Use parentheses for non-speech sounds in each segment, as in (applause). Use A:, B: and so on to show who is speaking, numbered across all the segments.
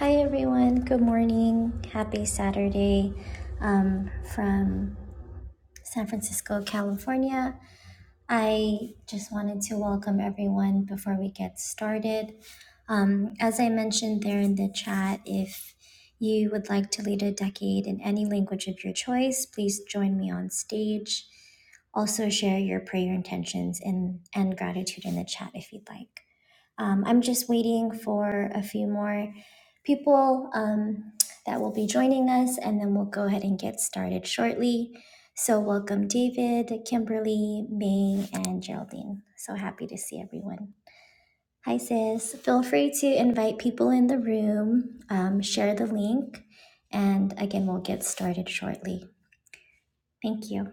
A: Hi everyone, good morning. Happy Saturday um, from San Francisco, California. I just wanted to welcome everyone before we get started. Um, as I mentioned there in the chat, if you would like to lead a decade in any language of your choice, please join me on stage. Also, share your prayer intentions and, and gratitude in the chat if you'd like. Um, I'm just waiting for a few more people um, that will be joining us, and then we'll go ahead and get started shortly. So, welcome, David, Kimberly, May, and Geraldine. So happy to see everyone. Hi, sis. Feel free to invite people in the room, um, share the link, and again, we'll get started shortly. Thank you.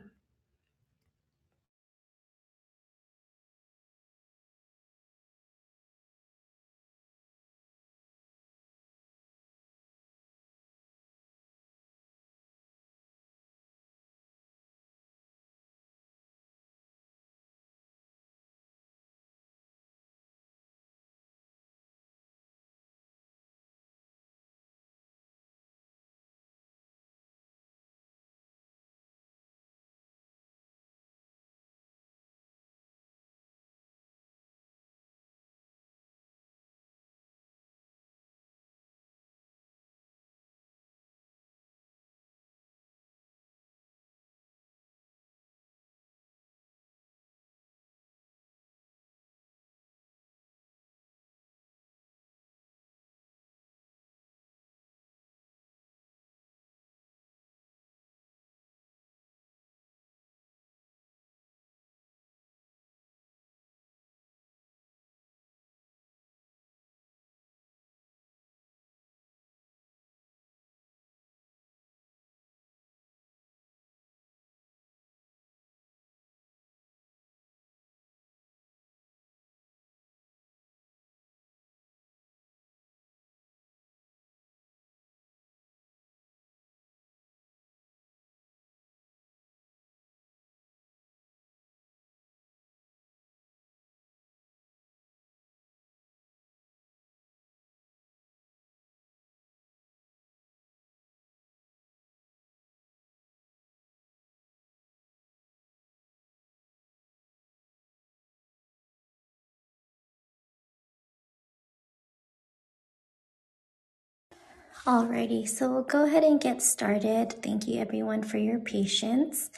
A: Alrighty, so we'll go ahead and get started. Thank you, everyone, for your patience.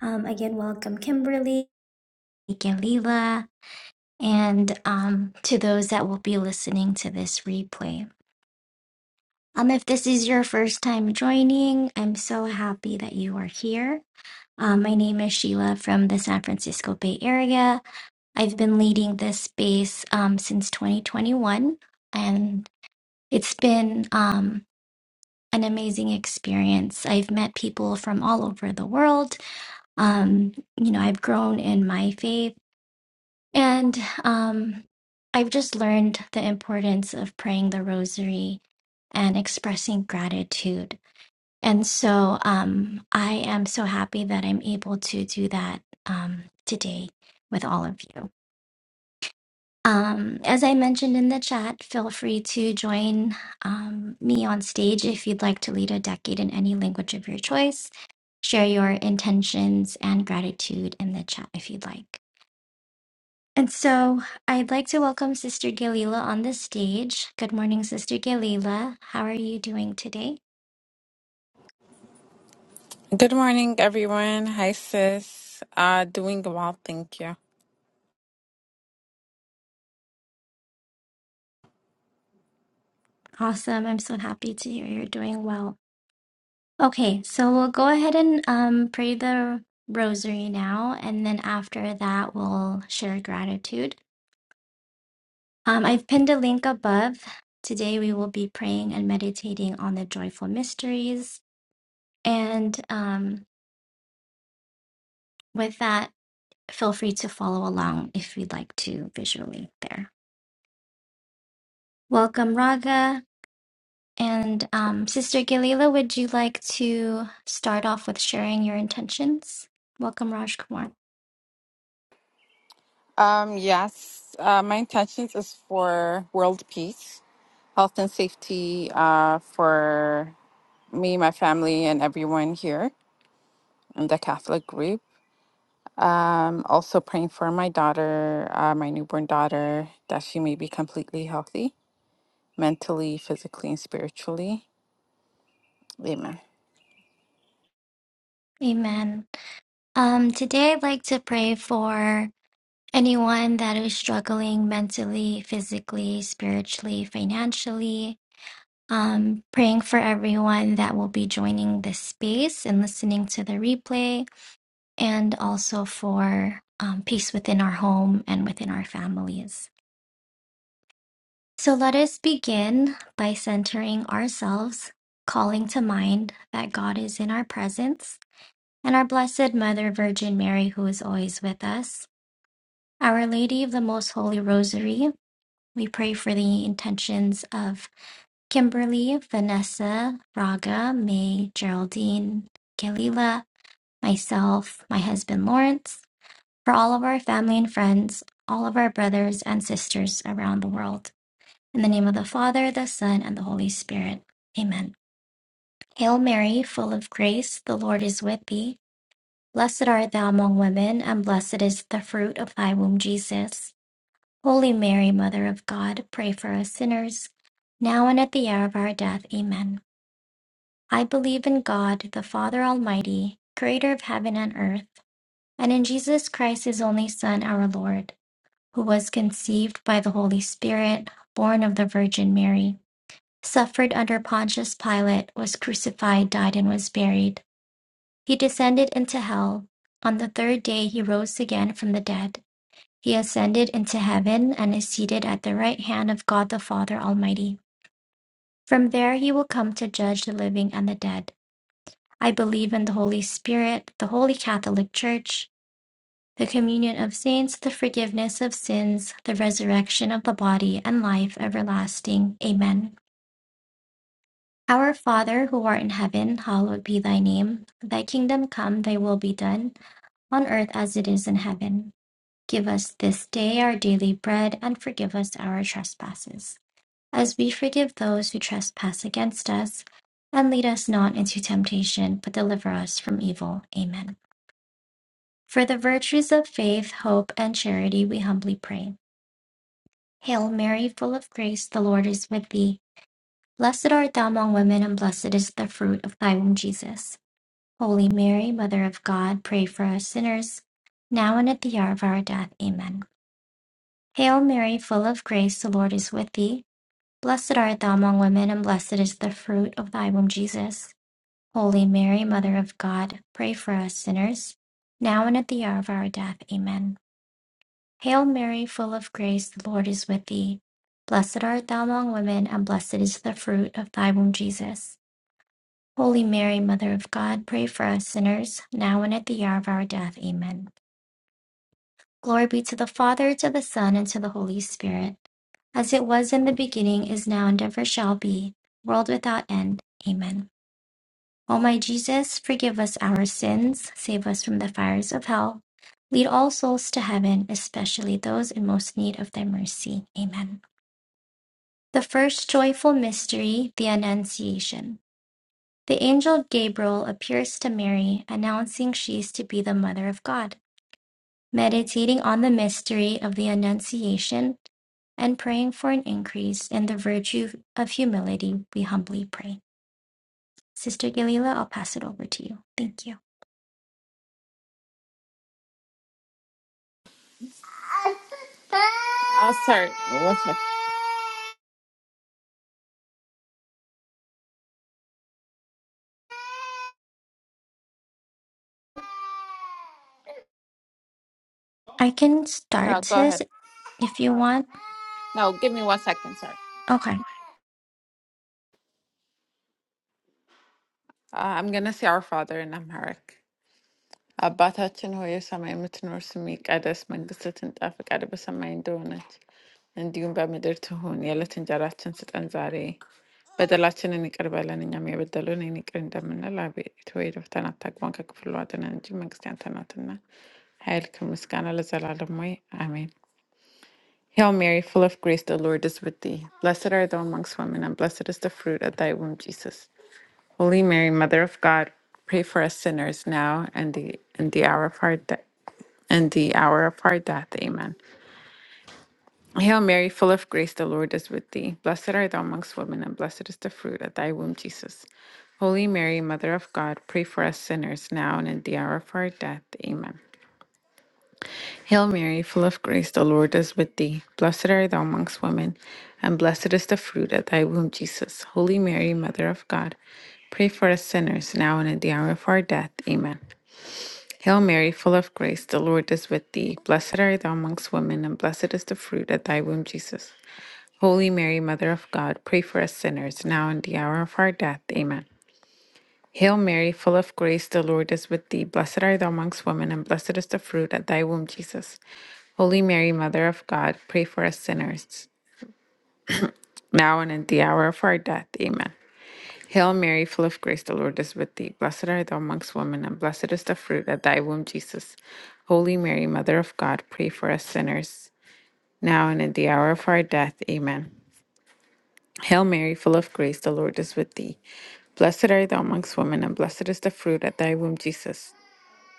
A: Um, again, welcome, Kimberly. Nick and Leela, and um, to those that will be listening to this replay. Um, if this is your first time joining, I'm so happy that you are here. Um, my name is Sheila from the San Francisco Bay Area. I've been leading this space um, since 2021, and it's been um, an amazing experience. I've met people from all over the world. Um, you know, I've grown in my faith And um, I've just learned the importance of praying the rosary and expressing gratitude. And so um, I am so happy that I'm able to do that um, today with all of you. Um, as I mentioned in the chat, feel free to join um, me on stage if you'd like to lead a decade in any language of your choice. Share your intentions and gratitude in the chat if you'd like. And so I'd like to welcome Sister Galila on the stage. Good morning, Sister Galila. How are you doing today?
B: Good morning, everyone. Hi, sis. Uh, doing well, thank you.
A: Awesome. I'm so happy to hear you're doing well. Okay, so we'll go ahead and um, pray the rosary now, and then after that, we'll share gratitude. Um, I've pinned a link above. Today, we will be praying and meditating on the joyful mysteries. And um, with that, feel free to follow along if you'd like to visually there. Welcome, Raga. And um, Sister Galila, would you like to start off with sharing your intentions? Welcome, Raj Kumar.
B: Um, yes, uh, my intentions is for world peace, health and safety uh, for me, my family, and everyone here in the Catholic group. Um, also praying for my daughter, uh, my newborn daughter, that she may be completely healthy, mentally, physically, and spiritually. Amen.
A: Amen. Um, today, I'd like to pray for anyone that is struggling mentally, physically, spiritually, financially. Um, praying for everyone that will be joining this space and listening to the replay, and also for um, peace within our home and within our families. So let us begin by centering ourselves, calling to mind that God is in our presence and our Blessed Mother Virgin Mary, who is always with us. Our Lady of the Most Holy Rosary, we pray for the intentions of Kimberly, Vanessa, Raga, May, Geraldine, Kalila, myself, my husband Lawrence, for all of our family and friends, all of our brothers and sisters around the world. In the name of the Father, the Son, and the Holy Spirit. Amen. Hail Mary, full of grace, the Lord is with thee. Blessed art thou among women, and blessed is the fruit of thy womb, Jesus. Holy Mary, Mother of God, pray for us sinners, now and at the hour of our death. Amen. I believe in God, the Father Almighty, creator of heaven and earth, and in Jesus Christ, his only Son, our Lord, who was conceived by the Holy Spirit, born of the Virgin Mary suffered under Pontius Pilate, was crucified, died, and was buried. He descended into hell. On the third day he rose again from the dead. He ascended into heaven and is seated at the right hand of God the Father Almighty. From there he will come to judge the living and the dead. I believe in the Holy Spirit, the Holy Catholic Church, the communion of saints, the forgiveness of sins, the resurrection of the body, and life everlasting. Amen. Our Father who art in heaven, hallowed be thy name. Thy kingdom come, thy will be done, on earth as it is in heaven. Give us this day our daily bread, and forgive us our trespasses, as we forgive those who trespass against us. And lead us not into temptation, but deliver us from evil. Amen. For the virtues of faith, hope, and charity, we humbly pray. Hail Mary, full of grace, the Lord is with thee. Blessed art thou among women, and blessed is the fruit of thy womb, Jesus. Holy Mary, Mother of God, pray for us sinners, now and at the hour of our death. Amen. Hail Mary, full of grace, the Lord is with thee. Blessed art thou among women, and blessed is the fruit of thy womb, Jesus. Holy Mary, Mother of God, pray for us sinners, now and at the hour of our death. Amen. Hail Mary, full of grace, the Lord is with thee. Blessed art thou among women, and blessed is the fruit of thy womb, Jesus. Holy Mary, Mother of God, pray for us sinners, now and at the hour of our death. Amen. Glory be to the Father, to the Son, and to the Holy Spirit, as it was in the beginning, is now, and ever shall be, world without end. Amen. O my Jesus, forgive us our sins, save us from the fires of hell. Lead all souls to heaven, especially those in most need of thy mercy. Amen. The first joyful mystery, the Annunciation. The angel Gabriel appears to Mary, announcing she is to be the Mother of God. Meditating on the mystery of the Annunciation and praying for an increase in the virtue of humility, we humbly pray. Sister Galila, I'll pass it over to you. Thank you.
B: I'll start. One sec.
A: I can
B: No,
A: start,
B: go
A: sis,
B: ahead.
A: if you want.
B: No, give me one second. Sorry.
A: Okay.
B: Uh, I'm gonna see our father in America. But that's enough for me. I'm not going to make a decision. I've got to be someone doing it. And you'll be my daughter. You're letting go of your children's eyes. But the last thing I can do is let you go. And I'm not going to let you go. I'm going to take one step forward and then I'm going to stand there. I'm going to hold my breath until I'm ready. Amen. Hail Mary, full of grace, the Lord is with thee. Blessed are thou among women, and blessed is the fruit of thy womb, Jesus. Holy Mary, Mother of God, pray for us sinners now and the and the hour of our death. And the hour of our death. Amen. Hail Mary, full of grace, the Lord is with thee. Blessed art thou amongst women, and blessed is the fruit of thy womb, Jesus. Holy Mary, Mother of God, pray for us sinners now and at the hour of our death. Amen. Hail Mary, full of grace, the Lord is with thee. Blessed art thou amongst women, and blessed is the fruit of thy womb, Jesus. Holy Mary, Mother of God, pray for us sinners now and at the hour of our death. Amen. Hail Mary, full of grace, the Lord is with thee. Blessed art thou amongst women, and blessed is the fruit of thy womb, Jesus. Holy Mary, Mother of God, pray for us sinners, now and the hour of our death. Amen. Hail Mary, full of grace, the Lord is with thee. Blessed art thou amongst women, and blessed is the fruit of thy womb, Jesus. Holy Mary, Mother of God, pray for us sinners, now and at the hour of our death. Amen. Hail Mary, full of grace, the Lord is with thee. Blessed art thou amongst women, and blessed is the fruit of thy womb, Jesus. Holy Mary, Mother of God, pray for us sinners, now and at the hour of our death. Amen. Hail Mary, full of grace, the Lord is with thee. Blessed art thou amongst women, and blessed is the fruit of thy womb, Jesus.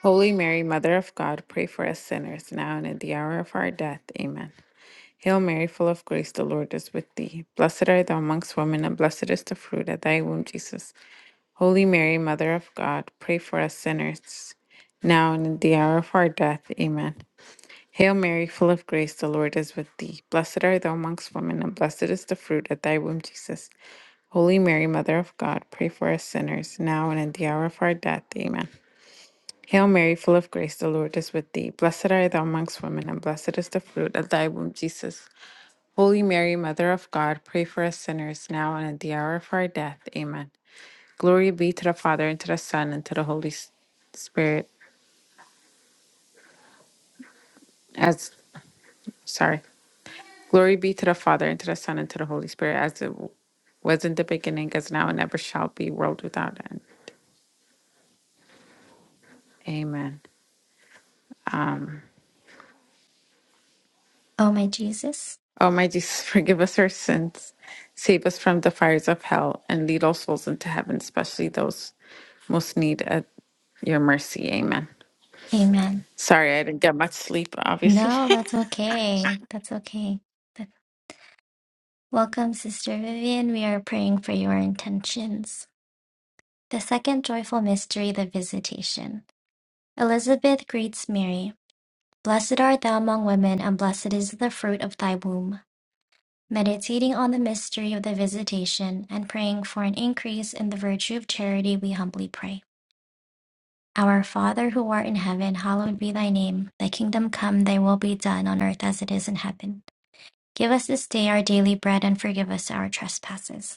B: Holy Mary, Mother of God, pray for us sinners, now and at the hour of our death. Amen. Hail Mary, full of grace, the Lord is with thee. Blessed art thou amongst women, and blessed is the fruit of thy womb, Jesus. Holy Mary, Mother of God, pray for us sinners, now and at the hour of our death. Amen. Hail Mary, full of grace, the Lord is with thee. Blessed art thou amongst women, and blessed is the fruit of thy womb, Jesus. Holy Mary, Mother of God, pray for us sinners, now and at the hour of our death. Amen. Hail Mary, full of grace, the Lord is with thee. Blessed art thou amongst women, and blessed is the fruit of thy womb, Jesus. Holy Mary, Mother of God, pray for us sinners, now and at the hour of our death. Amen. Glory be to the Father, and to the Son, and to the Holy S- Spirit. As, sorry. Glory be to the Father, and to the Son, and to the Holy Spirit, as it w- was in the beginning, as now, and ever shall be, world without end. Amen.
A: Oh, my Jesus.
B: Oh, my Jesus, (laughs) forgive us our sins, save us from the fires of hell, and lead all souls into heaven, especially those most need at your mercy. Amen.
A: Amen.
B: Sorry, I didn't get much sleep, obviously.
A: No, that's okay. That's okay. Welcome, Sister Vivian. We are praying for your intentions. The second joyful mystery, the Visitation. Elizabeth greets Mary. Blessed art thou among women, and blessed is the fruit of thy womb. Meditating on the mystery of the Visitation and praying for an increase in the virtue of charity, we humbly pray. Our Father who art in heaven, hallowed be thy name. Thy kingdom come, thy will be done on earth as it is in heaven. Give us this day our daily bread and forgive us our trespasses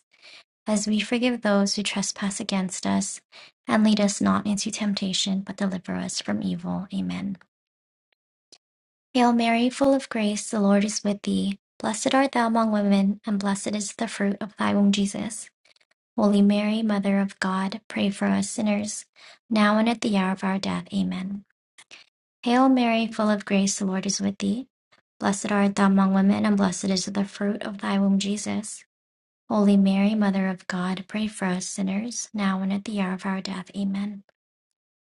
A: as we forgive those who trespass against us. And lead us not into temptation, but deliver us from evil. Amen. Hail Mary, full of grace, the Lord is with thee. Blessed art thou among women, and blessed is the fruit of thy womb, Jesus. Holy Mary, Mother of God, pray for us sinners, now and at the hour of our death. Amen. Hail Mary, full of grace, the Lord is with thee. Blessed art thou among women, and blessed is the fruit of thy womb, Jesus. Holy Mary, Mother of God, pray for us sinners, now and at the hour of our death. Amen.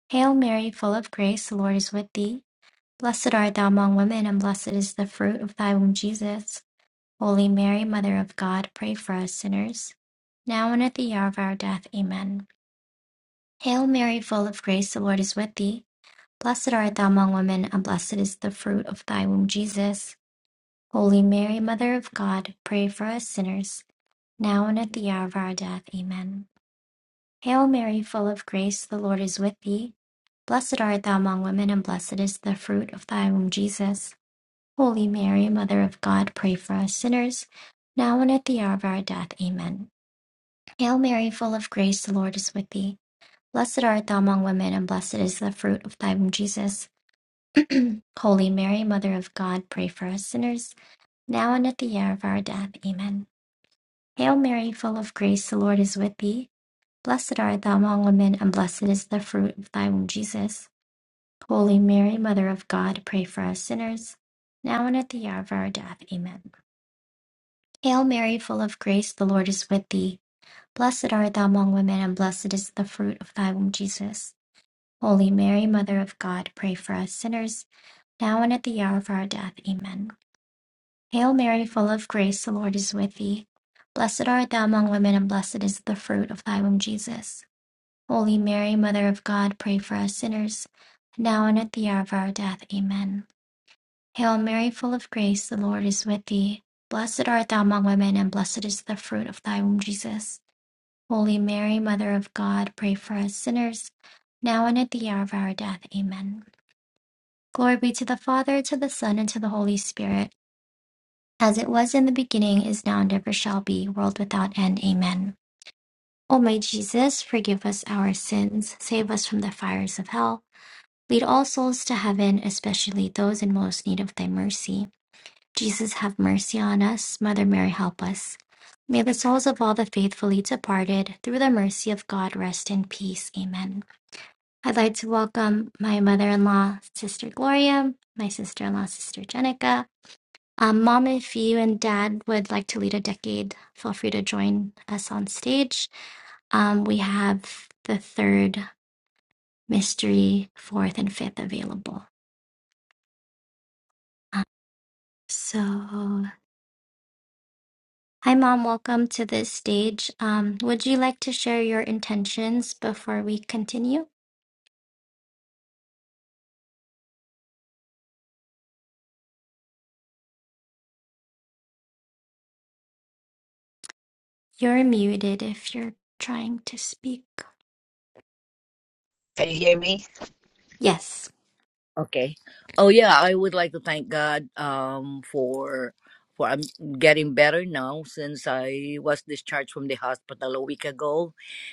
A: Hail Mary, full of grace, the Lord is with thee. Blessed art thou among women, and blessed is the fruit of thy womb, Jesus. Holy Mary, Mother of God, pray for us sinners, now and at the hour of our death. Amen. Hail Mary, full of grace, the Lord is with thee. Blessed art thou among women, and blessed is the fruit of thy womb, Jesus. Holy Mary, Mother of God, pray for us sinners, now and at the hour of our death. Amen. Hail Mary, full of grace, the Lord is with thee. Blessed art thou among women, and blessed is the fruit of thy womb, Jesus. Holy Mary, Mother of God, pray for us sinners, now and at the hour of our death. Amen. Hail Mary, full of grace, the Lord is with thee. Blessed art thou among women, and blessed is the fruit of thy womb, Jesus. Holy Mary, Mother of God, pray for us sinners, now and at the hour of our death. Amen. Hail Mary, full of grace, the Lord is with thee. Blessed art thou among women, and blessed is the fruit of thy womb, Jesus. Holy Mary, Mother of God, pray for us sinners, now and at the hour of our death. Amen. Hail Mary, full of grace, the Lord is with thee. Blessed art thou among women, and blessed is the fruit of thy womb, Jesus. Holy Mary, Mother of God, pray for us sinners, now and at the hour of our death. Amen. Hail Mary, full of grace, the Lord is with thee. Blessed art thou among women, and blessed is the fruit of thy womb, Jesus. Holy Mary, Mother of God, pray for us sinners, now and at the hour of our death. Amen. Hail Mary, full of grace, the Lord is with thee. Blessed art thou among women, and blessed is the fruit of thy womb, Jesus. Holy Mary, Mother of God, pray for us sinners, now and at the hour of our death. Amen. Glory be to the Father, to the Son, and to the Holy Spirit, as it was in the beginning, is now, and ever shall be, world without end. Amen. O my Jesus, forgive us our sins, save us from the fires of hell, lead all souls to heaven, especially those in most need of thy mercy. Jesus have mercy on us. Mother Mary help us. May the souls of all the faithfully departed, through the mercy of God, rest in peace. Amen. I'd like to welcome my mother in law, Sister Gloria, my sister in law, Sister Jenica. Um, Mom, if you and Dad would like to lead a decade, feel free to join us on stage. Um, we have the third mystery, fourth, and fifth available. Um, so Hi, Mom. Welcome to the stage. Um, would you like to share your intentions before we continue? You're muted if you're trying to speak.
C: Can you hear me?
A: Yes.
C: Okay. Oh yeah, I would like to thank God um for for I'm getting better now since I was discharged from the hospital a week ago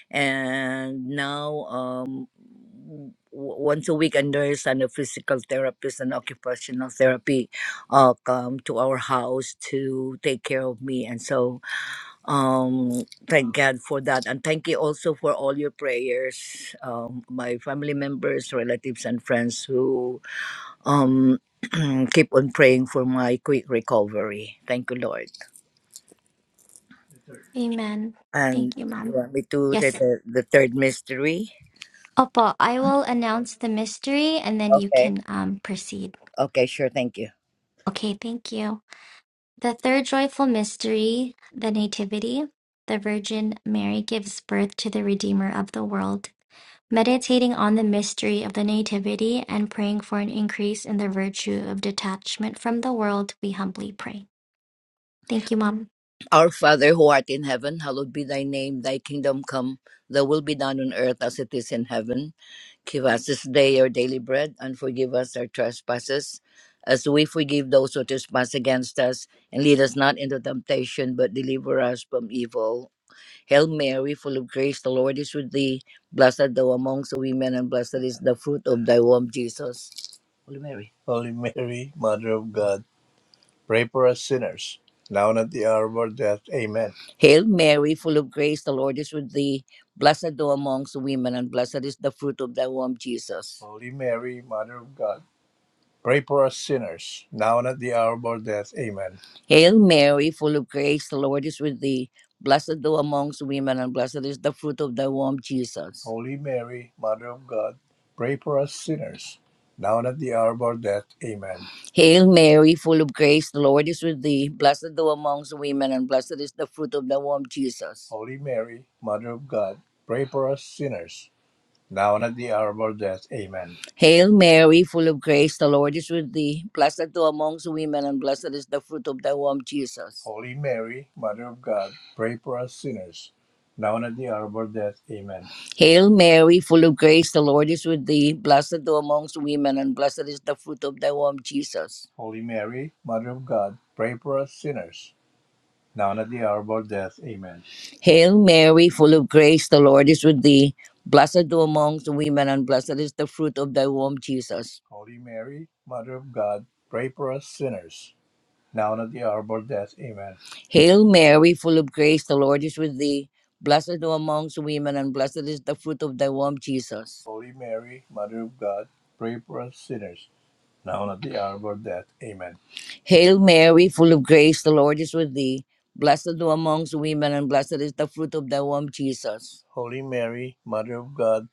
C: and now um w- once a week a nurse and a physical therapist and occupational therapy uh come to our house to take care of me and so um, thank God for that, and thank you also for all your prayers, um, my family members, relatives, and friends who um, (clears throat) keep on praying for my quick recovery. Thank you, Lord.
A: Amen.
C: And
A: Thank you,
C: you
A: Mom.
C: want me to say
A: Yes.
C: the, the third mystery?
A: Opo, I will announce the mystery and then you
C: Okay.
A: can um, proceed.
C: Okay, sure. Thank you.
A: Okay, thank you. The third joyful mystery, the Nativity. The Virgin Mary gives birth to the Redeemer of the world. meditating on the mystery of the Nativity and praying for an increase in the virtue of detachment from the world, we humbly pray. Thank you, Mom.
C: Our Father who art in heaven, hallowed be thy name. Thy kingdom come. Thy will be done on earth as it is in heaven. Give us this day our daily bread, and forgive us our trespasses, as we forgive those who trespass against us. And lead us not into temptation, but deliver us from evil. Hail Mary, full of grace, the Lord is with thee. Blessed thou amongst women, and blessed is the fruit of thy womb, Jesus. Holy Mary. Holy Mary, Mother of God. Pray for us sinners, now and at the hour of our death. Amen. Hail Mary, full of grace, the Lord is with thee. Blessed thou amongst women, and blessed is the fruit of thy womb, Jesus. Holy Mary, Mother of God. Pray for us sinners, now and at the hour of our death. Amen. Hail Mary, full of grace, the Lord is with thee. Blessed thou amongst women, and blessed is the fruit of thy womb, Jesus. Holy Mary, Mother of God, pray for us sinners, now and at the hour of our death. Amen. Hail Mary, full of grace, the Lord is with thee. Blessed thou amongst women, and blessed is the fruit of thy womb, Jesus. Holy Mary, Mother of God, pray for us sinners, Thou at the hour of our death. Amen. Hail Mary, full of grace, the Lord is with thee. Blessed thou amongst women, and blessed is the fruit of thy womb, Jesus. Holy Mary, Mother of God, pray for us sinners, now and at the hour of our death. Amen. Hail Mary, full of grace, the Lord is with thee. Blessed thou amongst women, and blessed is the fruit of thy womb, Jesus. Holy Mary, Mother of God, pray for us sinners, now and at the hour of our death. Amen. Hail Mary, full of grace, the Lord is with thee. Blessed thou amongst women, and blessed is the fruit of thy womb, Jesus. Holy Mary, Mother of God, pray for us sinners, now and at the hour of our death. Amen. Hail Mary, full of grace, the Lord is with thee. Blessed thou amongst women, and blessed is the fruit of thy womb, Jesus. Holy Mary, Mother of God, pray for us sinners now and at the hour of our death. Amen. Hail Mary, full of grace, the Lord is with thee. Blessed thou amongst women, and blessed is the fruit of thy womb, Jesus. Holy Mary, Mother of God,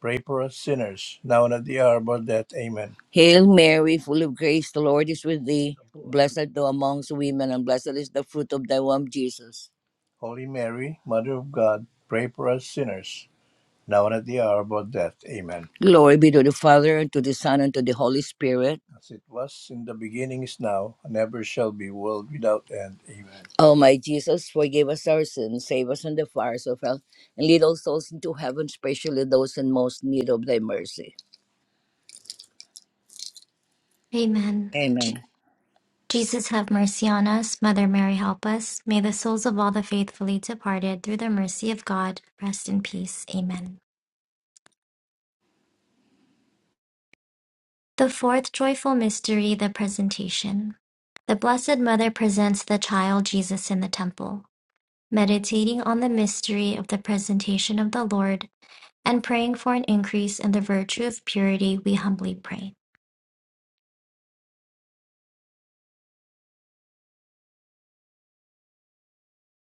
C: pray for us sinners, now and at the hour of our death. Amen. Hail Mary, full of grace, the Lord is with thee. Blessed thou amongst women, and blessed is the fruit of thy womb, Jesus. Holy Mary, Mother of God, pray for us sinners, now and at the hour of our death. Amen. Glory be to the Father, and to the Son, and to the Holy Spirit. As it was in the beginning, is now, and ever shall be, world without end. Amen. O my Jesus, forgive us our sins, save us from the fires of hell, and lead all souls into heaven, especially those in most need of thy mercy.
A: Amen. Je-
C: Amen.
A: Jesus, have mercy on us. Mother Mary, help us. May the souls of all the faithfully departed, through the mercy of God, rest in peace. Amen. The fourth joyful mystery, the presentation. The Blessed Mother presents the child Jesus in the temple. Meditating on the mystery of the presentation of the Lord, and praying for an increase in the virtue of purity, we humbly pray.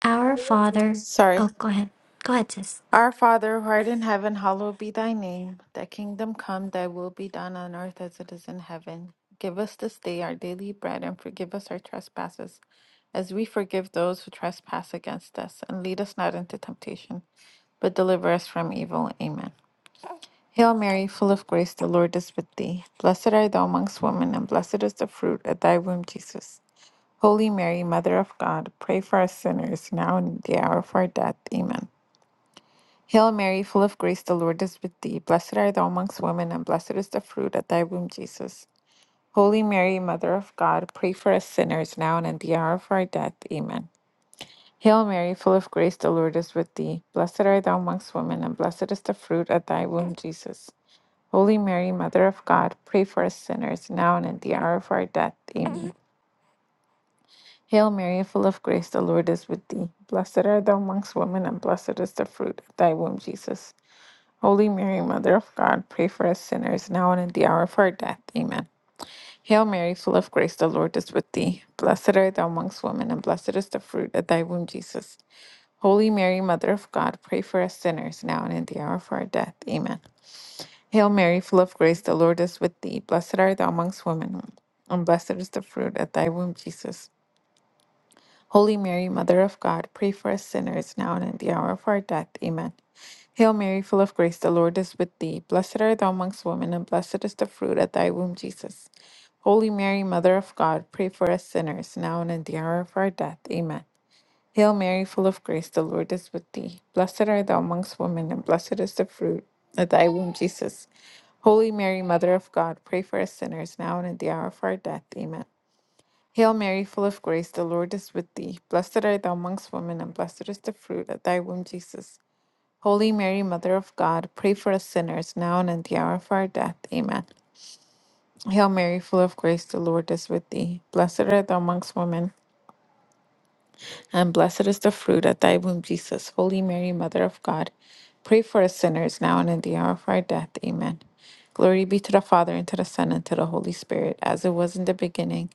A: Our
B: (laughs)
A: Father,
B: sorry.
A: oh, go ahead. Go ahead, sis.
B: Our Father, who art in heaven, hallowed be thy name. Thy kingdom come, thy will be done on earth as it is in heaven. Give us this day our daily bread and forgive us our trespasses, as we forgive those who trespass against us. And lead us not into temptation, but deliver us from evil. Amen. Hail Mary, full of grace, the Lord is with thee. Blessed art thou amongst women, and blessed is the fruit of thy womb, Jesus. Holy Mary, Mother of God, pray for us sinners, now and in the hour of our death. Amen. Hail Mary, full of grace, the Lord is with thee. Blessed art thou amongst women, and blessed is the fruit of thy womb, Jesus. Holy Mary, Mother of God, pray for us sinners now and at the hour of our death. Amen. Hail Mary, full of grace, the Lord is with thee. Blessed art thou amongst women, and blessed is the fruit of thy womb, Jesus. Holy Mary, Mother of God, pray for us sinners now and at the hour of our death. Amen. Hail Mary, full of grace, the Lord is with thee. Blessed art thou amongst women, and blessed is the fruit of thy womb, Jesus. Holy Mary, Mother of God, pray for us sinners now and at the hour of our death. Amen. Hail Mary, full of grace, the Lord is with thee. Blessed art thou amongst women, and blessed is the fruit of thy womb, Jesus. Holy Mary, Mother of God, pray for us sinners now and at the hour of our death. Amen. Hail Mary, full of grace, the Lord is with thee. Blessed art thou amongst women, and blessed is the fruit of thy womb, Jesus. Holy Mary, Mother of God, pray for us sinners now and at the hour of our death. Amen. Hail Mary, full of grace, the Lord is with thee. Blessed art thou amongst women, and blessed is the fruit of thy womb, Jesus. Holy Mary, Mother of God, pray for us sinners now and at the hour of our death. Amen. Hail Mary, full of grace, the Lord is with thee. Blessed art thou amongst women, and blessed is the fruit of thy womb, Jesus. Holy Mary, Mother of God, pray for us sinners now and at the hour of our death. Amen. Hail Mary, full of grace, the Lord is with thee. Blessed art thou amongst women, and blessed is the fruit of thy womb, Jesus. Holy Mary, Mother of God, pray for us sinners, now and at the hour of our death. Amen. Hail Mary, full of grace, the Lord is with thee. Blessed art thou amongst women, and blessed is the fruit of thy womb, Jesus. Holy Mary, Mother of God, pray for us sinners, now and at the hour of our death. Amen. Glory be to the Father, and to the Son, and to the Holy Spirit, as it was in the beginning,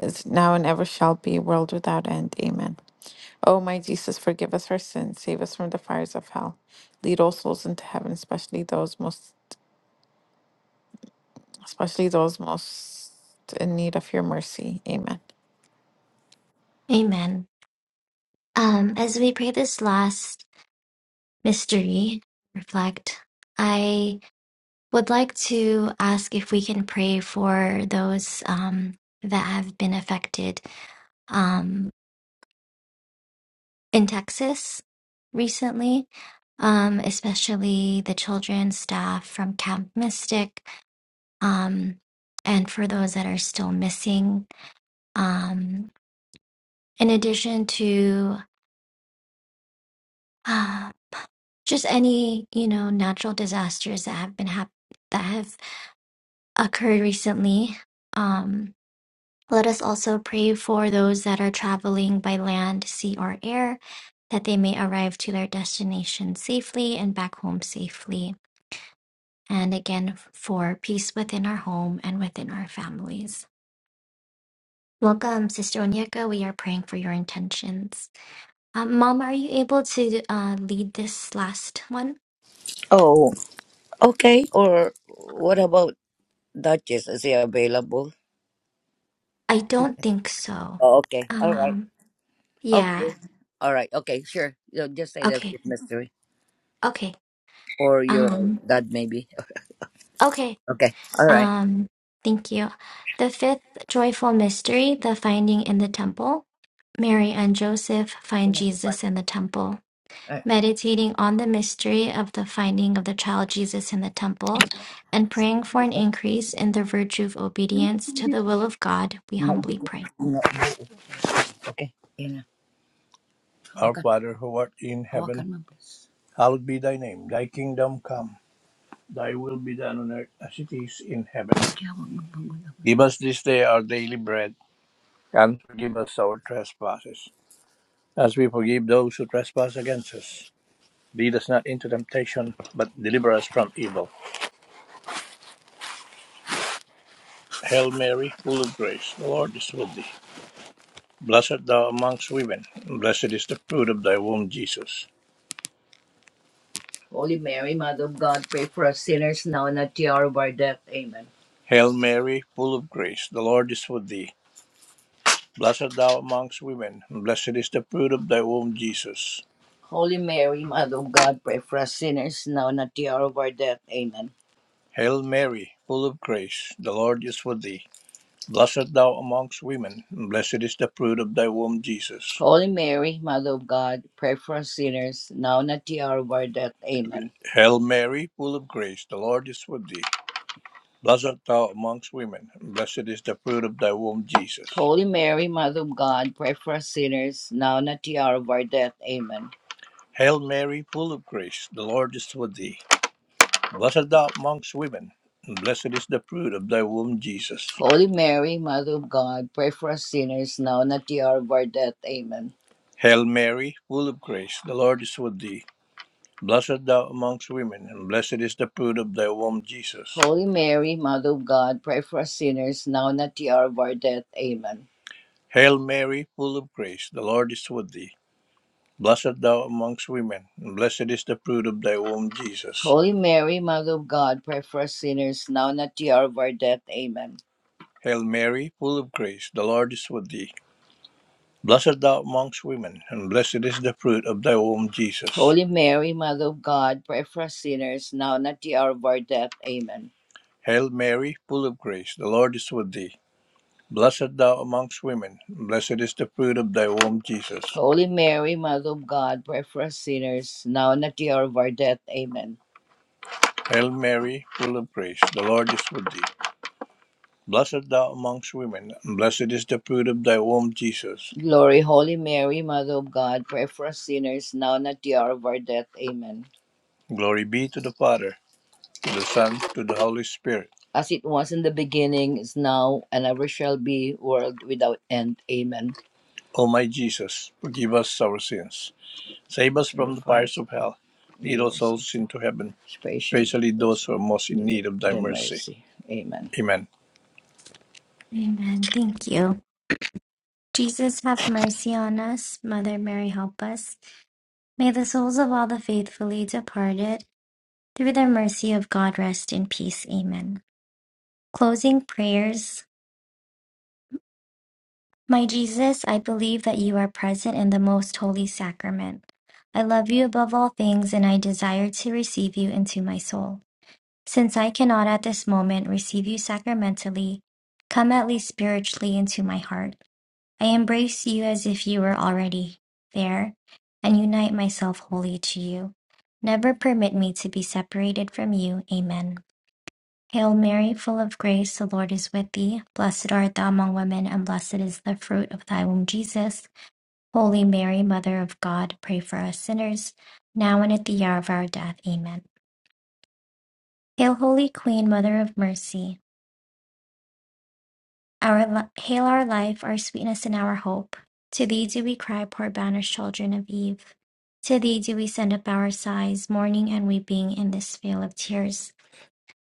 B: is now, and ever shall be, world without end. Amen. O my Jesus, forgive us our sins, save us from the fires of hell, lead all souls into heaven, especially those most, especially those most in need of your mercy. Amen.
A: Amen. Um, as we pray this last mystery, reflect, I would like to ask if we can pray for those um, that have been affected um, in Texas recently, um, especially the children, staff from Camp Mystic um, and for those that are still missing. Um, in addition to uh, just any you know natural disasters that have been hap- that have occurred recently, um, let us also pray for those that are traveling by land, sea, or air. That they may arrive to their destination safely and back home safely. And again, for peace within our home and within our families. Welcome, Sister Onyeka. We are praying for your intentions. Um, Mom, are you able to uh, lead this last one?
C: Oh, okay. Or what about Duchess? Is he available?
A: I don't think so.
C: Oh, okay. All right.
A: Um,
C: Okay.
A: yeah.
C: All right. Okay. Sure. You know, just say the
A: Okay.
C: fifth mystery
A: Okay.
C: or your
A: Um,
C: dad, maybe.
A: okay.
C: Okay. All right.
A: Um, thank you. The fifth joyful mystery, the finding in the temple. Mary and Joseph find Jesus in the temple. Meditating on the mystery of the finding of the child Jesus in the temple and praying for an increase in the virtue of obedience to the will of God, we
C: Alright.
A: humbly pray.
C: Okay. Yeah. Our Father who art in heaven, hallowed be thy name. Thy kingdom come, thy will be done on earth as it is in heaven. Give us this day our daily bread, and forgive us our trespasses, as we forgive those who trespass against us. Lead us not into temptation, but deliver us from evil. Hail Mary, full of grace, the Lord is with thee. Blessed thou amongst women, blessed is the fruit of thy womb, Jesus. Holy Mary, Mother of God, pray for us sinners now and at the hour of our death. Amen. Hail Mary, full of grace, the Lord is with thee. Blessed thou amongst women, and blessed is the fruit of thy womb, Jesus. Holy Mary, Mother of God, pray for us sinners now and at the hour of our death. Amen. Hail Mary, full of grace, the Lord is with thee. Blessed art thou amongst women, and blessed is the fruit of thy womb, Jesus. Holy Mary, Mother of God, pray for us sinners, now and at the hour of our death. Amen. Hail Mary, full of grace, the Lord is with thee. Blessed art thou amongst women, and blessed is the fruit of thy womb, Jesus. Holy Mary, Mother of God, pray for us sinners, now and at the hour of our death. Amen. Hail Mary, full of grace, the Lord is with thee. Blessed thou amongst women, and blessed is the fruit of thy womb, Jesus. Holy Mary, Mother of God, pray for us sinners now and at the hour of our death. Amen. Hail Mary, full of grace, the Lord is with thee. Blessed thou amongst women, and blessed is the fruit of thy womb, Jesus. Holy Mary, Mother of God, pray for us sinners now and at the hour of our death. Amen. Hail Mary, full of grace, the Lord is with thee. Blessed thou amongst women, and blessed is the fruit of thy womb, Jesus. Holy Mary, Mother of God, pray for us sinners now and at the hour of our death. Amen. Hail Mary, full of grace, the Lord is with thee. Blessed thou amongst women, and blessed is the fruit of thy womb, Jesus. Holy Mary, Mother of God, pray for us sinners now and at the hour of our death. Amen. Hail Mary, full of grace, the Lord is with thee. Blessed thou amongst women, blessed is the fruit of thy womb, Jesus. Holy Mary, Mother of God, pray for us sinners, now and at the hour of our death. Amen. Hail Mary, full of grace, the Lord is with thee. Blessed thou amongst women, and blessed is the fruit of thy womb, Jesus. Glory, Holy Mary, Mother of God, pray for us sinners, now and at the hour of our death. Amen. Glory be to the Father, to the Son, to the Holy Spirit. As it was in the beginning, is now, and ever shall be, world without end. Amen. O my Jesus, forgive us our sins. Save us from the fires of hell. Lead from all souls into heaven, especially those who are most in need of thy in mercy. mercy. Amen. Amen.
A: Amen. Thank you. Jesus have mercy on us. Mother Mary help us. May the souls of all the faithfully departed, through the mercy of God, rest in peace. Amen. Closing prayers. My Jesus, I believe that you are present in the most holy sacrament. I love you above all things and I desire to receive you into my soul. Since I cannot at this moment receive you sacramentally, come at least spiritually into my heart. I embrace you as if you were already there, and unite myself wholly to you. Never permit me to be separated from you. Amen. Hail Mary, full of grace, the Lord is with thee. Blessed art thou among women, and blessed is the fruit of thy womb, Jesus. Holy Mary, Mother of God, pray for us sinners, now and at the hour of our death. Amen. Hail, Holy Queen, Mother of Mercy. Our li- hail our life, our sweetness, and our hope. To thee do we cry, poor banished children of Eve. To thee do we send up our sighs, mourning and weeping in this vale of tears.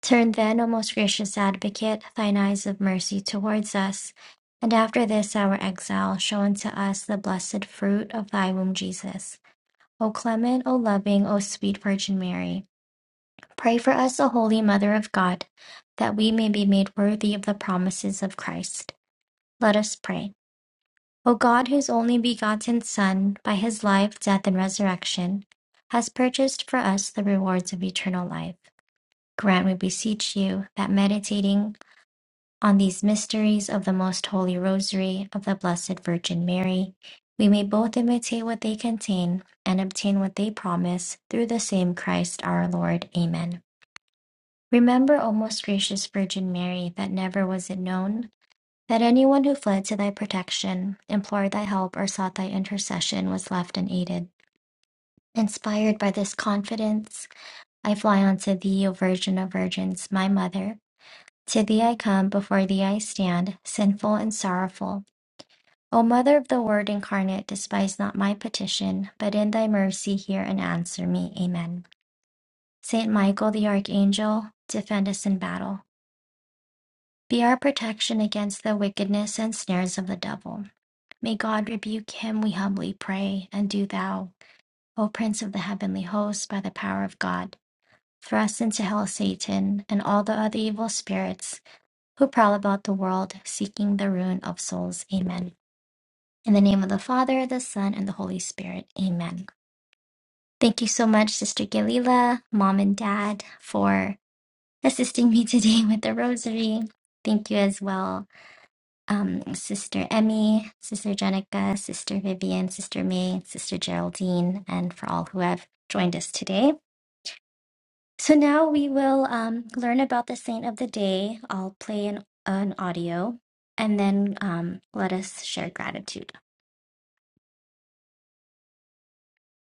A: Turn then, O most gracious advocate, thine eyes of mercy towards us, and after this our exile, show unto us the blessed fruit of thy womb, Jesus. O clement, O loving, O sweet Virgin Mary, pray for us, O holy Mother of God, that we may be made worthy of the promises of Christ. Let us pray. O God, whose only begotten Son, by his life, death, and resurrection, has purchased for us the rewards of eternal life, grant, we beseech you, that meditating on these mysteries of the most holy rosary of the Blessed Virgin Mary, we may both imitate what they contain and obtain what they promise through the same Christ our Lord. Amen. Remember, O most gracious Virgin Mary, that never was it known that anyone who fled to thy protection, implored thy help, or sought thy intercession was left unaided. Inspired by this confidence, I fly unto thee, O Virgin of Virgins, my mother. To thee I come, before thee I stand, sinful and sorrowful. O Mother of the Word incarnate, despise not my petition, but in thy mercy hear and answer me. Amen. Saint Michael the Archangel, defend us in battle. Be our protection against the wickedness and snares of the devil. May God rebuke him, we humbly pray, and do thou, O Prince of the heavenly host, by the power of God, thrust into hell Satan and all the other evil spirits who prowl about the world seeking the ruin of souls. Amen. In the name of the Father, the Son, and the Holy Spirit. Amen. Thank you so much, Sister Galila, Mom and Dad, for assisting me (laughs) today with the rosary. Thank you as well um, Sister Emmy, Sister Jenica, Sister Vivian, Sister May, Sister Geraldine, and for all who have joined us today. So now we will um, learn about the saint of the day. I'll play an, an audio and then um, let us share gratitude.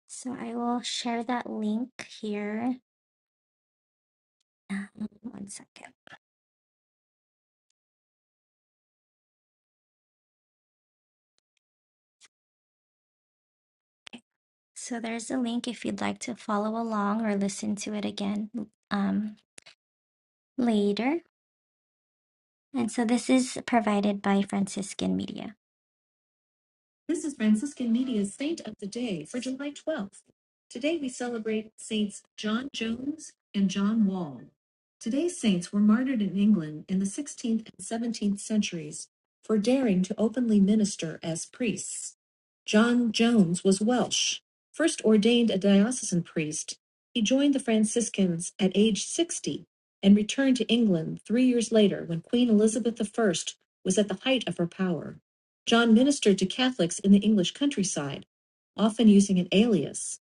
A: So I will share that link here. Um, One second. So there's a link if you'd like to follow along or listen to it again um, later. And so this is provided by Franciscan Media. This is Franciscan Media's Saint of the Day for July 12th. Today we celebrate Saints John Jones and John Wall. Today's saints were martyred in England in the 16th and 17th centuries for daring to openly minister as priests. John Jones was Welsh. First ordained a diocesan priest, he joined the Franciscans at age 60 and returned to England three years later when Queen Elizabeth I was at the height of her power. John ministered to Catholics in the English countryside, often using an alias,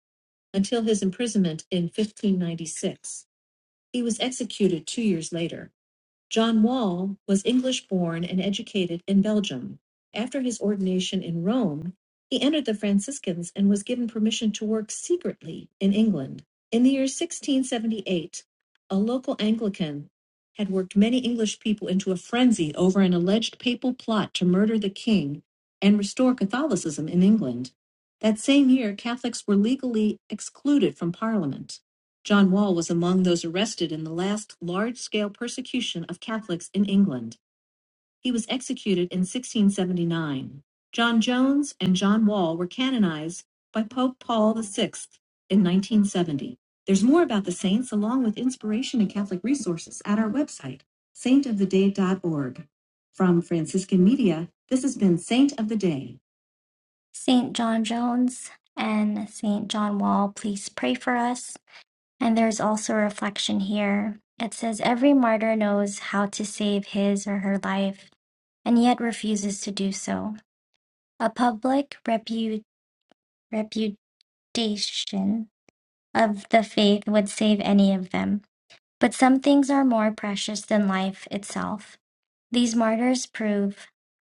A: until his imprisonment in 1596. He was executed two years later. John Wall was English-born and educated in Belgium. After his ordination in Rome, he entered the Franciscans and was given permission to work secretly in England. In the year 1678, a local Anglican had worked many English people into a frenzy over an alleged papal plot to murder the king and restore Catholicism in England. That same year, Catholics were legally excluded from Parliament. John Wall was among those arrested in the last large-scale persecution of Catholics in England. He was executed in 1679. John Jones and John Wall were canonized by Pope Paul VI in 1970. There's more about the saints along with inspiration and Catholic resources at our website, saintoftheday.org. From Franciscan Media, this has been Saint of the Day. St. John Jones and St. John Wall, please pray for us. And there's also a reflection here. It says, Every martyr knows how to save his or her life, and yet refuses to do so. A public repu- reputation of the faith would save any of them. But some things are more precious than life itself. These martyrs prove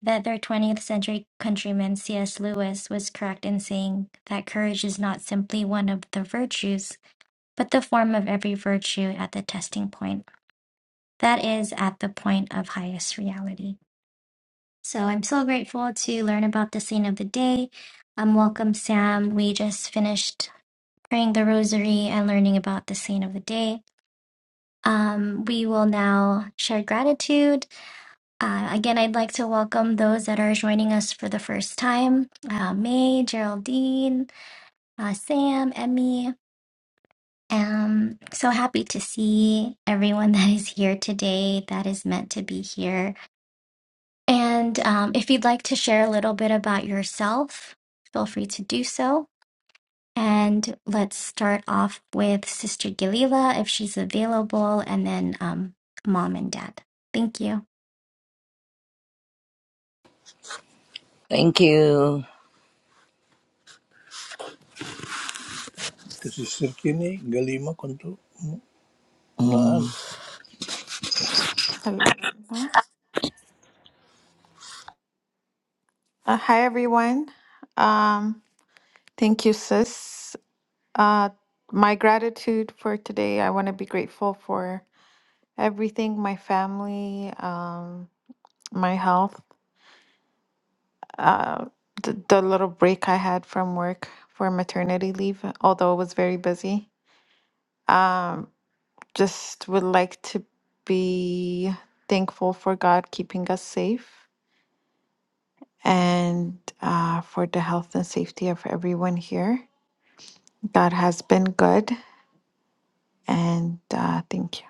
A: that their 20th century countryman C.S. Lewis was correct in saying that courage is not simply one of the virtues but the form of every virtue at the testing point, that is, at the point of highest reality. So I'm so grateful to learn about the saint of the day. Um, welcome, Sam. We just finished praying the rosary and learning about the saint of the day. Um, we will now share gratitude. Uh, again, I'd like to welcome those that are joining us for the first time uh, May, Geraldine, uh, Sam, Emmy. Um, so happy to see everyone (laughs) that is here today that is meant to be here. And um, if you'd like to share a little bit about yourself, feel free to do so. And let's start off with Sister Galila if she's available, and then um, mom and dad. Thank you.
C: Thank you. This is Sirkini Galima Kuntu Naan. Mm.
B: Hello. Uh, hi everyone. Um, thank you, sis. Uh, my gratitude for today. I want to be grateful for everything, my family, um, my health, uh, the, the little break I had from work for maternity leave, although it was very busy. Um, just would like to be thankful for God keeping us safe and uh, for the health and safety of everyone here. God has been good, and uh, thank you.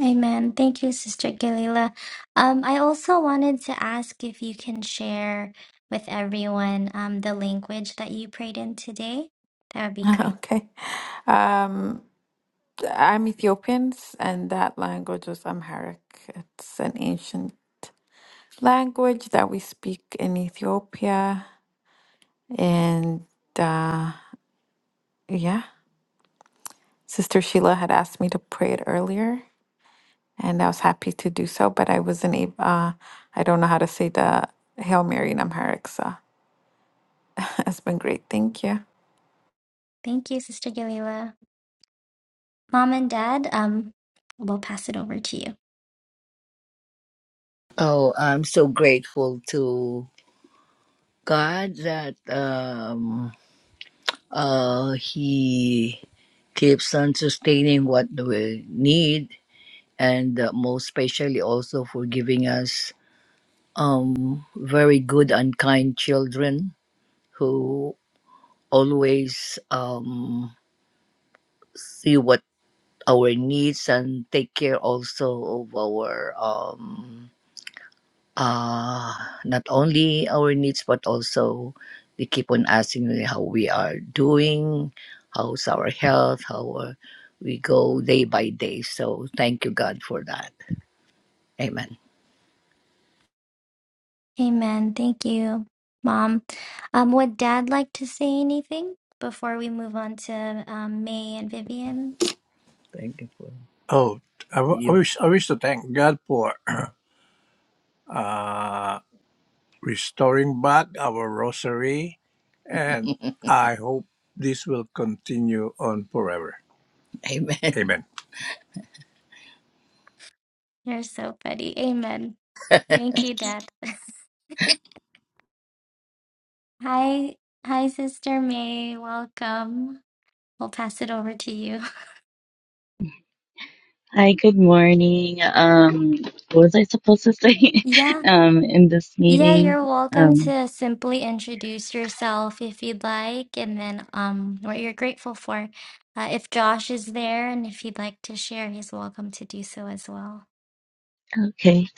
A: Amen. Thank you, Sister Galila. Um, I also wanted to ask if you can share with everyone um, the language that you prayed in today. That would be
B: (laughs)
A: great.
B: Okay. Um, I'm Ethiopian, and that language was Amharic. It's an ancient language that we speak in Ethiopia. And uh, yeah, Sister Sheila had asked me to pray it earlier. and I was happy to do so, but I wasn't able, uh, I don't know how to say the Hail Mary in Amharic, so (laughs) it's been great. Thank you.
A: Thank you, Sister Galila. Mom and Dad, um, we'll pass it over to you.
C: Oh, I'm so grateful to God that um, uh, He keeps on sustaining what we need, and uh, most especially also for giving us. um, very good and kind children who always um, see what our needs and take care also of our um, uh, not only our needs but also they keep on asking me how we are doing, how's our health, how are, we go day by day. So thank you God for that. Amen.
A: Amen. Thank you, Mom. Um, would Dad like to say anything before we move on to um, May and Vivian?
C: Thank you for Oh, I, w- I you. wish I wish to thank God for (clears throat) uh, restoring back our rosary. And (laughs) I hope this will continue on forever. Amen. Amen.
A: You're so funny. Amen. Thank you, Dad. (laughs) Hi, hi, Sister May. Welcome. We'll pass it over to you. (laughs)
D: Hi, good morning. Um, what was I supposed to say
A: Yeah.
D: (laughs) um, in this
A: Yeah,
D: meeting?
A: you're welcome
D: Um,
A: to simply introduce yourself if you'd like, and then um, what you're grateful for. Uh, if Josh is there and if he'd like to share, he's welcome to do so as well.
D: okay.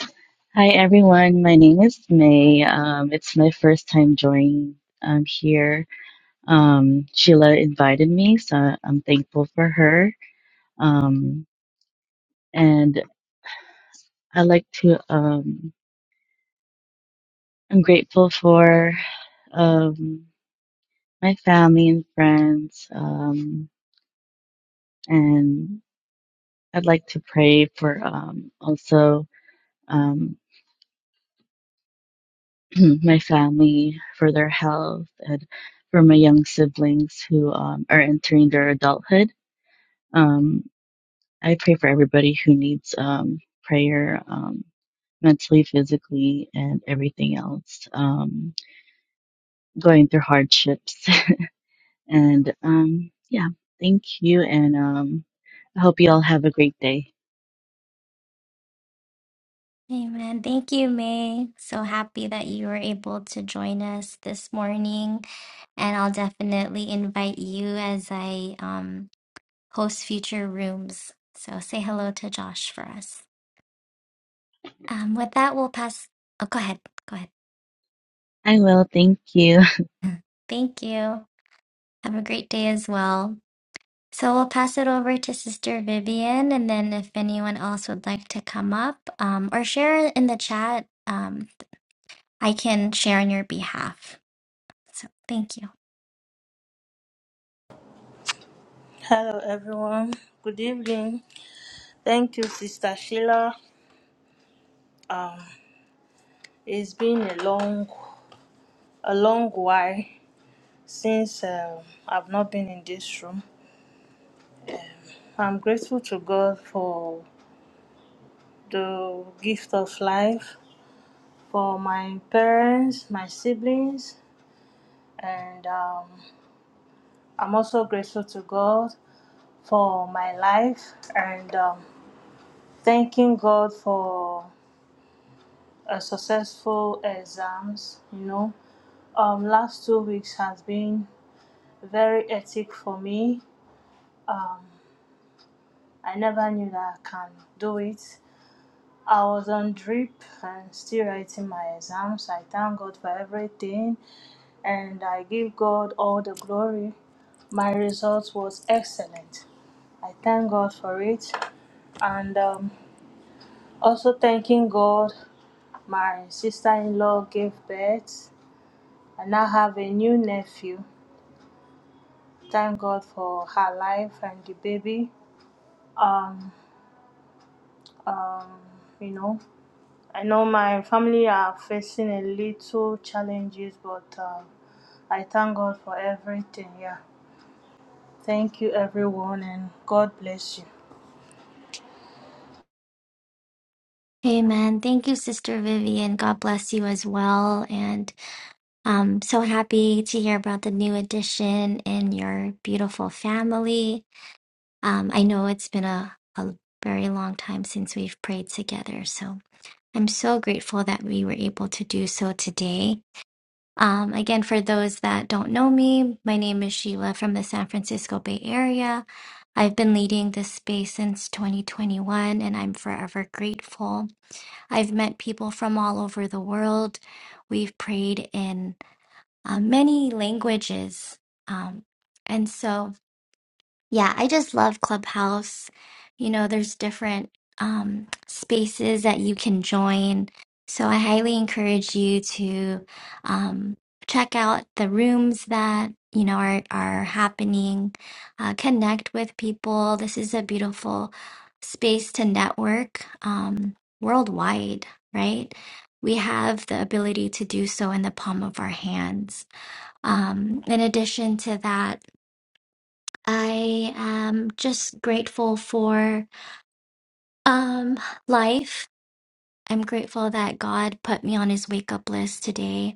D: Hi, everyone. My name is May. Um, it's my first time joining um, here. Um, Sheila invited me, so I'm thankful for her. Um, and I like to, um, I'm grateful for um, my family and friends. Um, and I'd like to pray for um, also. um, (clears throat) my family, for their health, and for my young siblings who um, are entering their adulthood. Um, I pray for everybody who needs um, prayer um, mentally, physically, and everything else, um, going through hardships. (laughs) and um, yeah, thank you. And um, I hope you all have a great day.
A: Amen. Thank you, May. So happy that you were able to join us this morning, and I'll definitely invite you as I um, host future rooms. So say hello to Josh for us. Um, with that, we'll pass. Oh, go ahead. Go ahead.
D: I will. Thank you. (laughs)
A: (laughs) Thank you. Have a great day as well. So we'll pass it over to Sister Vivian, and then if anyone else would like to come up um, or share in the chat, um, I can share on your behalf. So thank you.
E: Hello, everyone. Good evening. Thank you, Sister Sheila. Um, it's been a long, a long while since um, I've not been in this room. I'm grateful to God for the gift of life, for my parents, my siblings, and um, I'm also grateful to God for my life and um, thanking God for uh, successful exams, you know, um last two weeks has been very hectic for me um i never knew that i can do it i was on drip and still writing my exams i thank god for everything and i give god all the glory my result was excellent i thank god for it and um, also thanking god my sister-in-law gave birth and i have a new nephew Thank God for her life and the baby. Um, um, you know, I know my family are facing a little challenges, but uh, I thank God for everything. Yeah. Thank you, everyone, and God bless you.
A: Amen. Thank you, Sister Vivian. God bless you as well. And um, so happy to hear about the new addition in your beautiful family. Um, I know it's been a, a very long time since we've prayed together. So I'm so grateful that we were able to do so today Um, again, for those that don't know me, my name is Sheila from the San Francisco Bay Area. I've been leading this space since 2021 and I'm forever grateful. I've met people from all over the world. We've prayed in uh, many languages. Um, and so, yeah, I just love Clubhouse. You know, there's different um, spaces that you can join. So I highly encourage you to um, check out the rooms that, you know, are, are happening. Uh, connect with people. This is a beautiful space to network um, worldwide, right? We have the ability to do so in the palm of our hands. Um, in addition to that, I am just grateful for um life. I'm grateful that God put me on his wake up list today.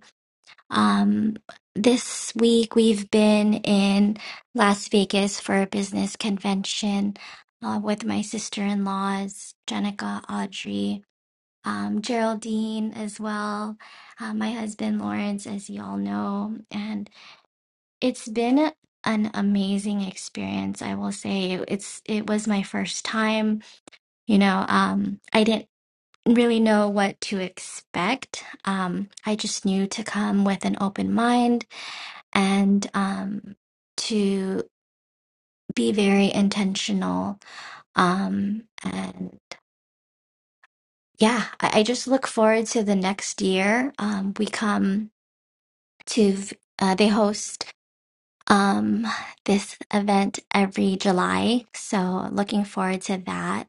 A: Um this week we've been in Las Vegas for a business convention uh, with my sister-in-laws, Jenica, Audrey, um, Geraldine as well, uh, my husband Lawrence, as you all know, and. It's been an amazing experience, I will say. It's it was my first time, you know, um, I didn't really know what to expect. Um, I just knew to come with an open mind and um, to be very intentional. Um, and yeah, I, I just look forward to the next year. Um, we come to v- uh, they host. um this event every July. So looking forward to that.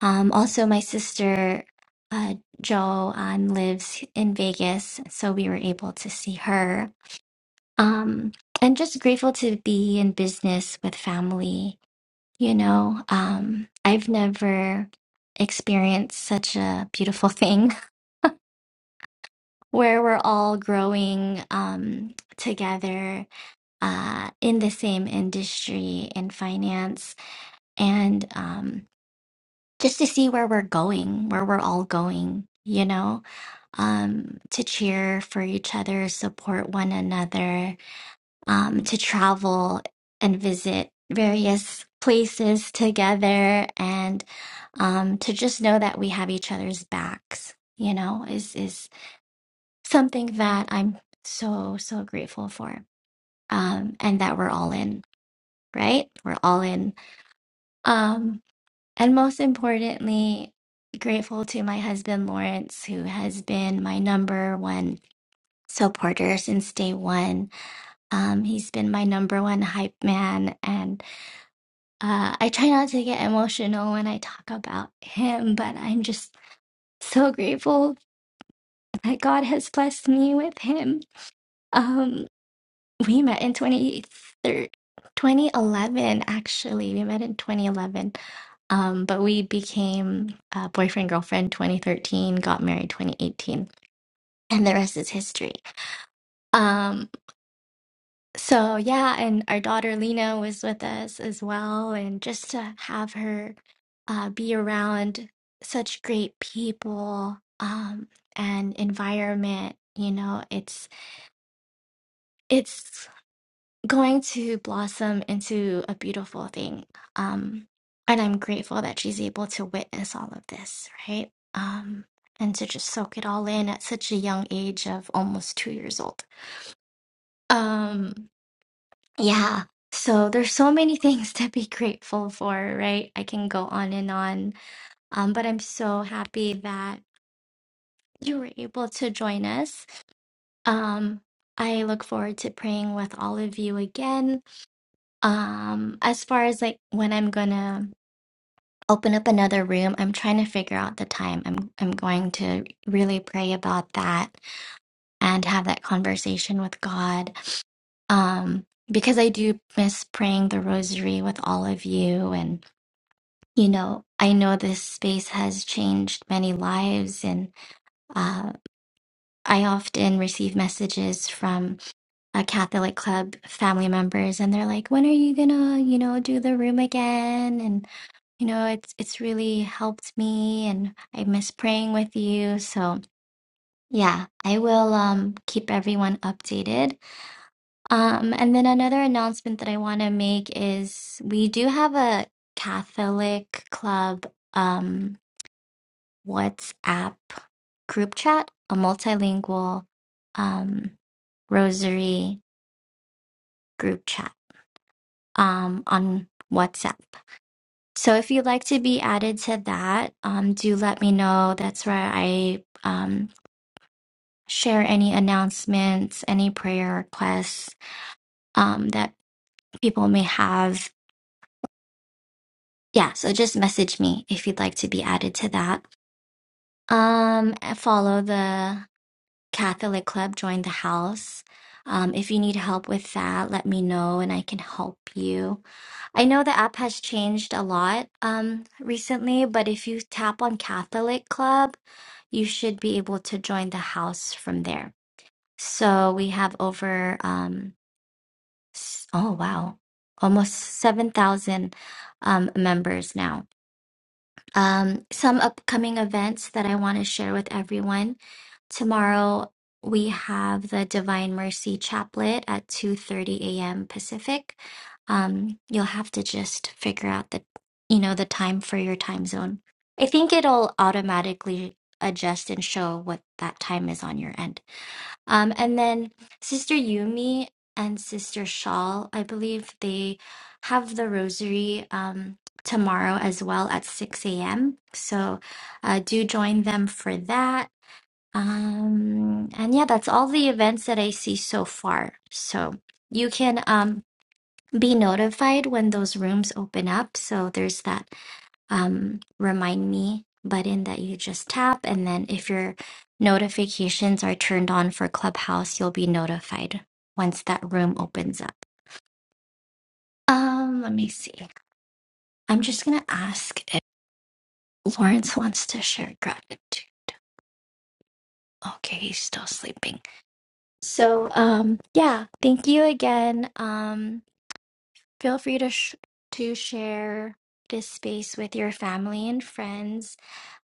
A: Um also my sister uh Jo um, lives in Vegas, so we were able to see her. Um and just grateful to be in business with family, you know. Um I've never experienced such a beautiful thing (laughs) where we're all growing um together uh in the same industry in finance and um, just to see where we're going, where we're all going, you know, um, to cheer for each other, support one another, um, to travel and visit various places together, and um, to just know that we have each other's backs, you know, is is something that I'm so so grateful for, um, and that we're all in, right? We're all in. Um, And most importantly, grateful to my husband, Lawrence, who has been my number one supporter since day one. Um, he's been my number one hype man. And uh, I try not to get emotional when I talk about him, but I'm just so grateful that God has blessed me with him. Um, We met in 23 2011, actually. We met in 2011. Um, but we became uh, boyfriend girlfriend 2013, got married 2018, and the rest is history. Um, so yeah, and our daughter Lena was with us as well, and just to have her uh, be around such great people um, and environment, you know, it's it's going to blossom into a beautiful thing. Um, and I'm grateful that she's able to witness all of this, right? Um, and to just soak it all in at such a young age of almost two years old. Um, yeah. So there's so many (laughs) things to be grateful for, right? I can go on and on. Um, but I'm so happy that you were able to join us. Um, I look forward to praying with all of you again Um, as far as like when I'm gonna open up another room, I'm trying to figure out the time. I'm I'm going to really pray about that and have that conversation with God. Um, because I do miss praying the rosary with all of you and you know, I know this space has changed many lives and uh I often receive messages from a Catholic club family members and they're like, "When are you gonna, you know, do the room again?" and you know, it's it's really helped me and I miss praying with you. So yeah, I will um keep everyone updated. Um and then another announcement that I want to make is we do have a Catholic club um WhatsApp group chat, a multilingual um rosary group chat um on WhatsApp. So if you'd like to be added to that, um, do let me know. That's where I um, share any announcements, any prayer requests um, that people may have. Yeah, so just message me if you'd like to be added to that. Um, and follow the Catholic Club, join the house. Um, if you need help with that, let me know and I can help you. I know the app has changed a lot um, recently, but if you tap on Catholic Club, you should be able to join the house from there. So we have over, um, s- oh wow, almost 7,000 um, members now. Um, some upcoming events that I want to share with everyone. Tomorrow we have the Divine Mercy Chaplet at 2:30 a.m. Pacific. Um, you'll have to just figure out the, you know, the time for your time zone. I think it'll automatically adjust and show what that time is on your end. Um, and then Sister Yumi and Sister Shawl, I believe they have the rosary um, tomorrow as well at 6 a.m. So uh, do join them for that. Um, and yeah, that's all the events that I see so far. So you can um, be notified when those rooms open up. So there's that um, remind me button that you just tap. And then if your notifications are turned on for Clubhouse, you'll be notified once that room opens up. Um, let me see. I'm just gonna ask if Lawrence wants to share gratitude. Okay, he's still sleeping. So, um, yeah, thank you again. Um, Feel free to sh- to share this space with your family and friends.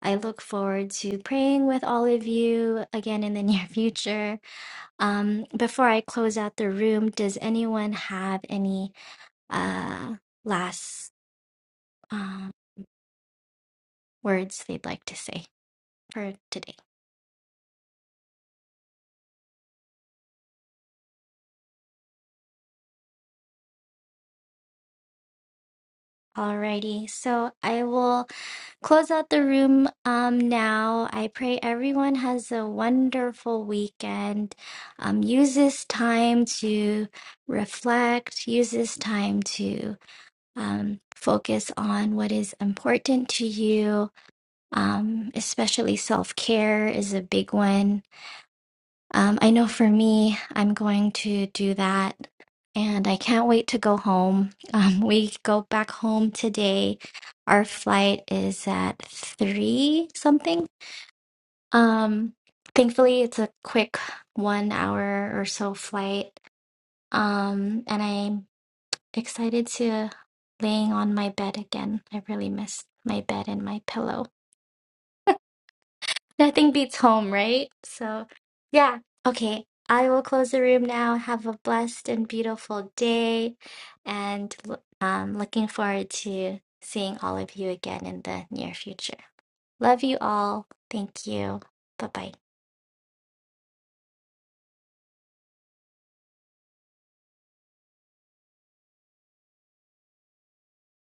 A: I look forward to praying with all of you again in the (laughs) near future. Um, before I close out the room, does anyone have any uh, last um, words they'd like to say for today? Alrighty, so I will. close out the room um, now. I pray everyone has a wonderful weekend. Um, use this time to reflect, use this time to um, focus on what is important to you, um, especially self care is a big one. Um, I know for me, I'm going to do that. And I can't wait to go home. (laughs) Um, we go back home today. Our flight is at three something. Um, thankfully, it's a quick one hour or so flight. Um, and I'm excited to laying on my bed again. I really miss my bed and my pillow. Nothing beats home, right? So, yeah. Okay. I will close the room now. Have a blessed and beautiful day. And l- um, looking forward to seeing all of you again in the near future. Love you all. Thank you. Bye bye.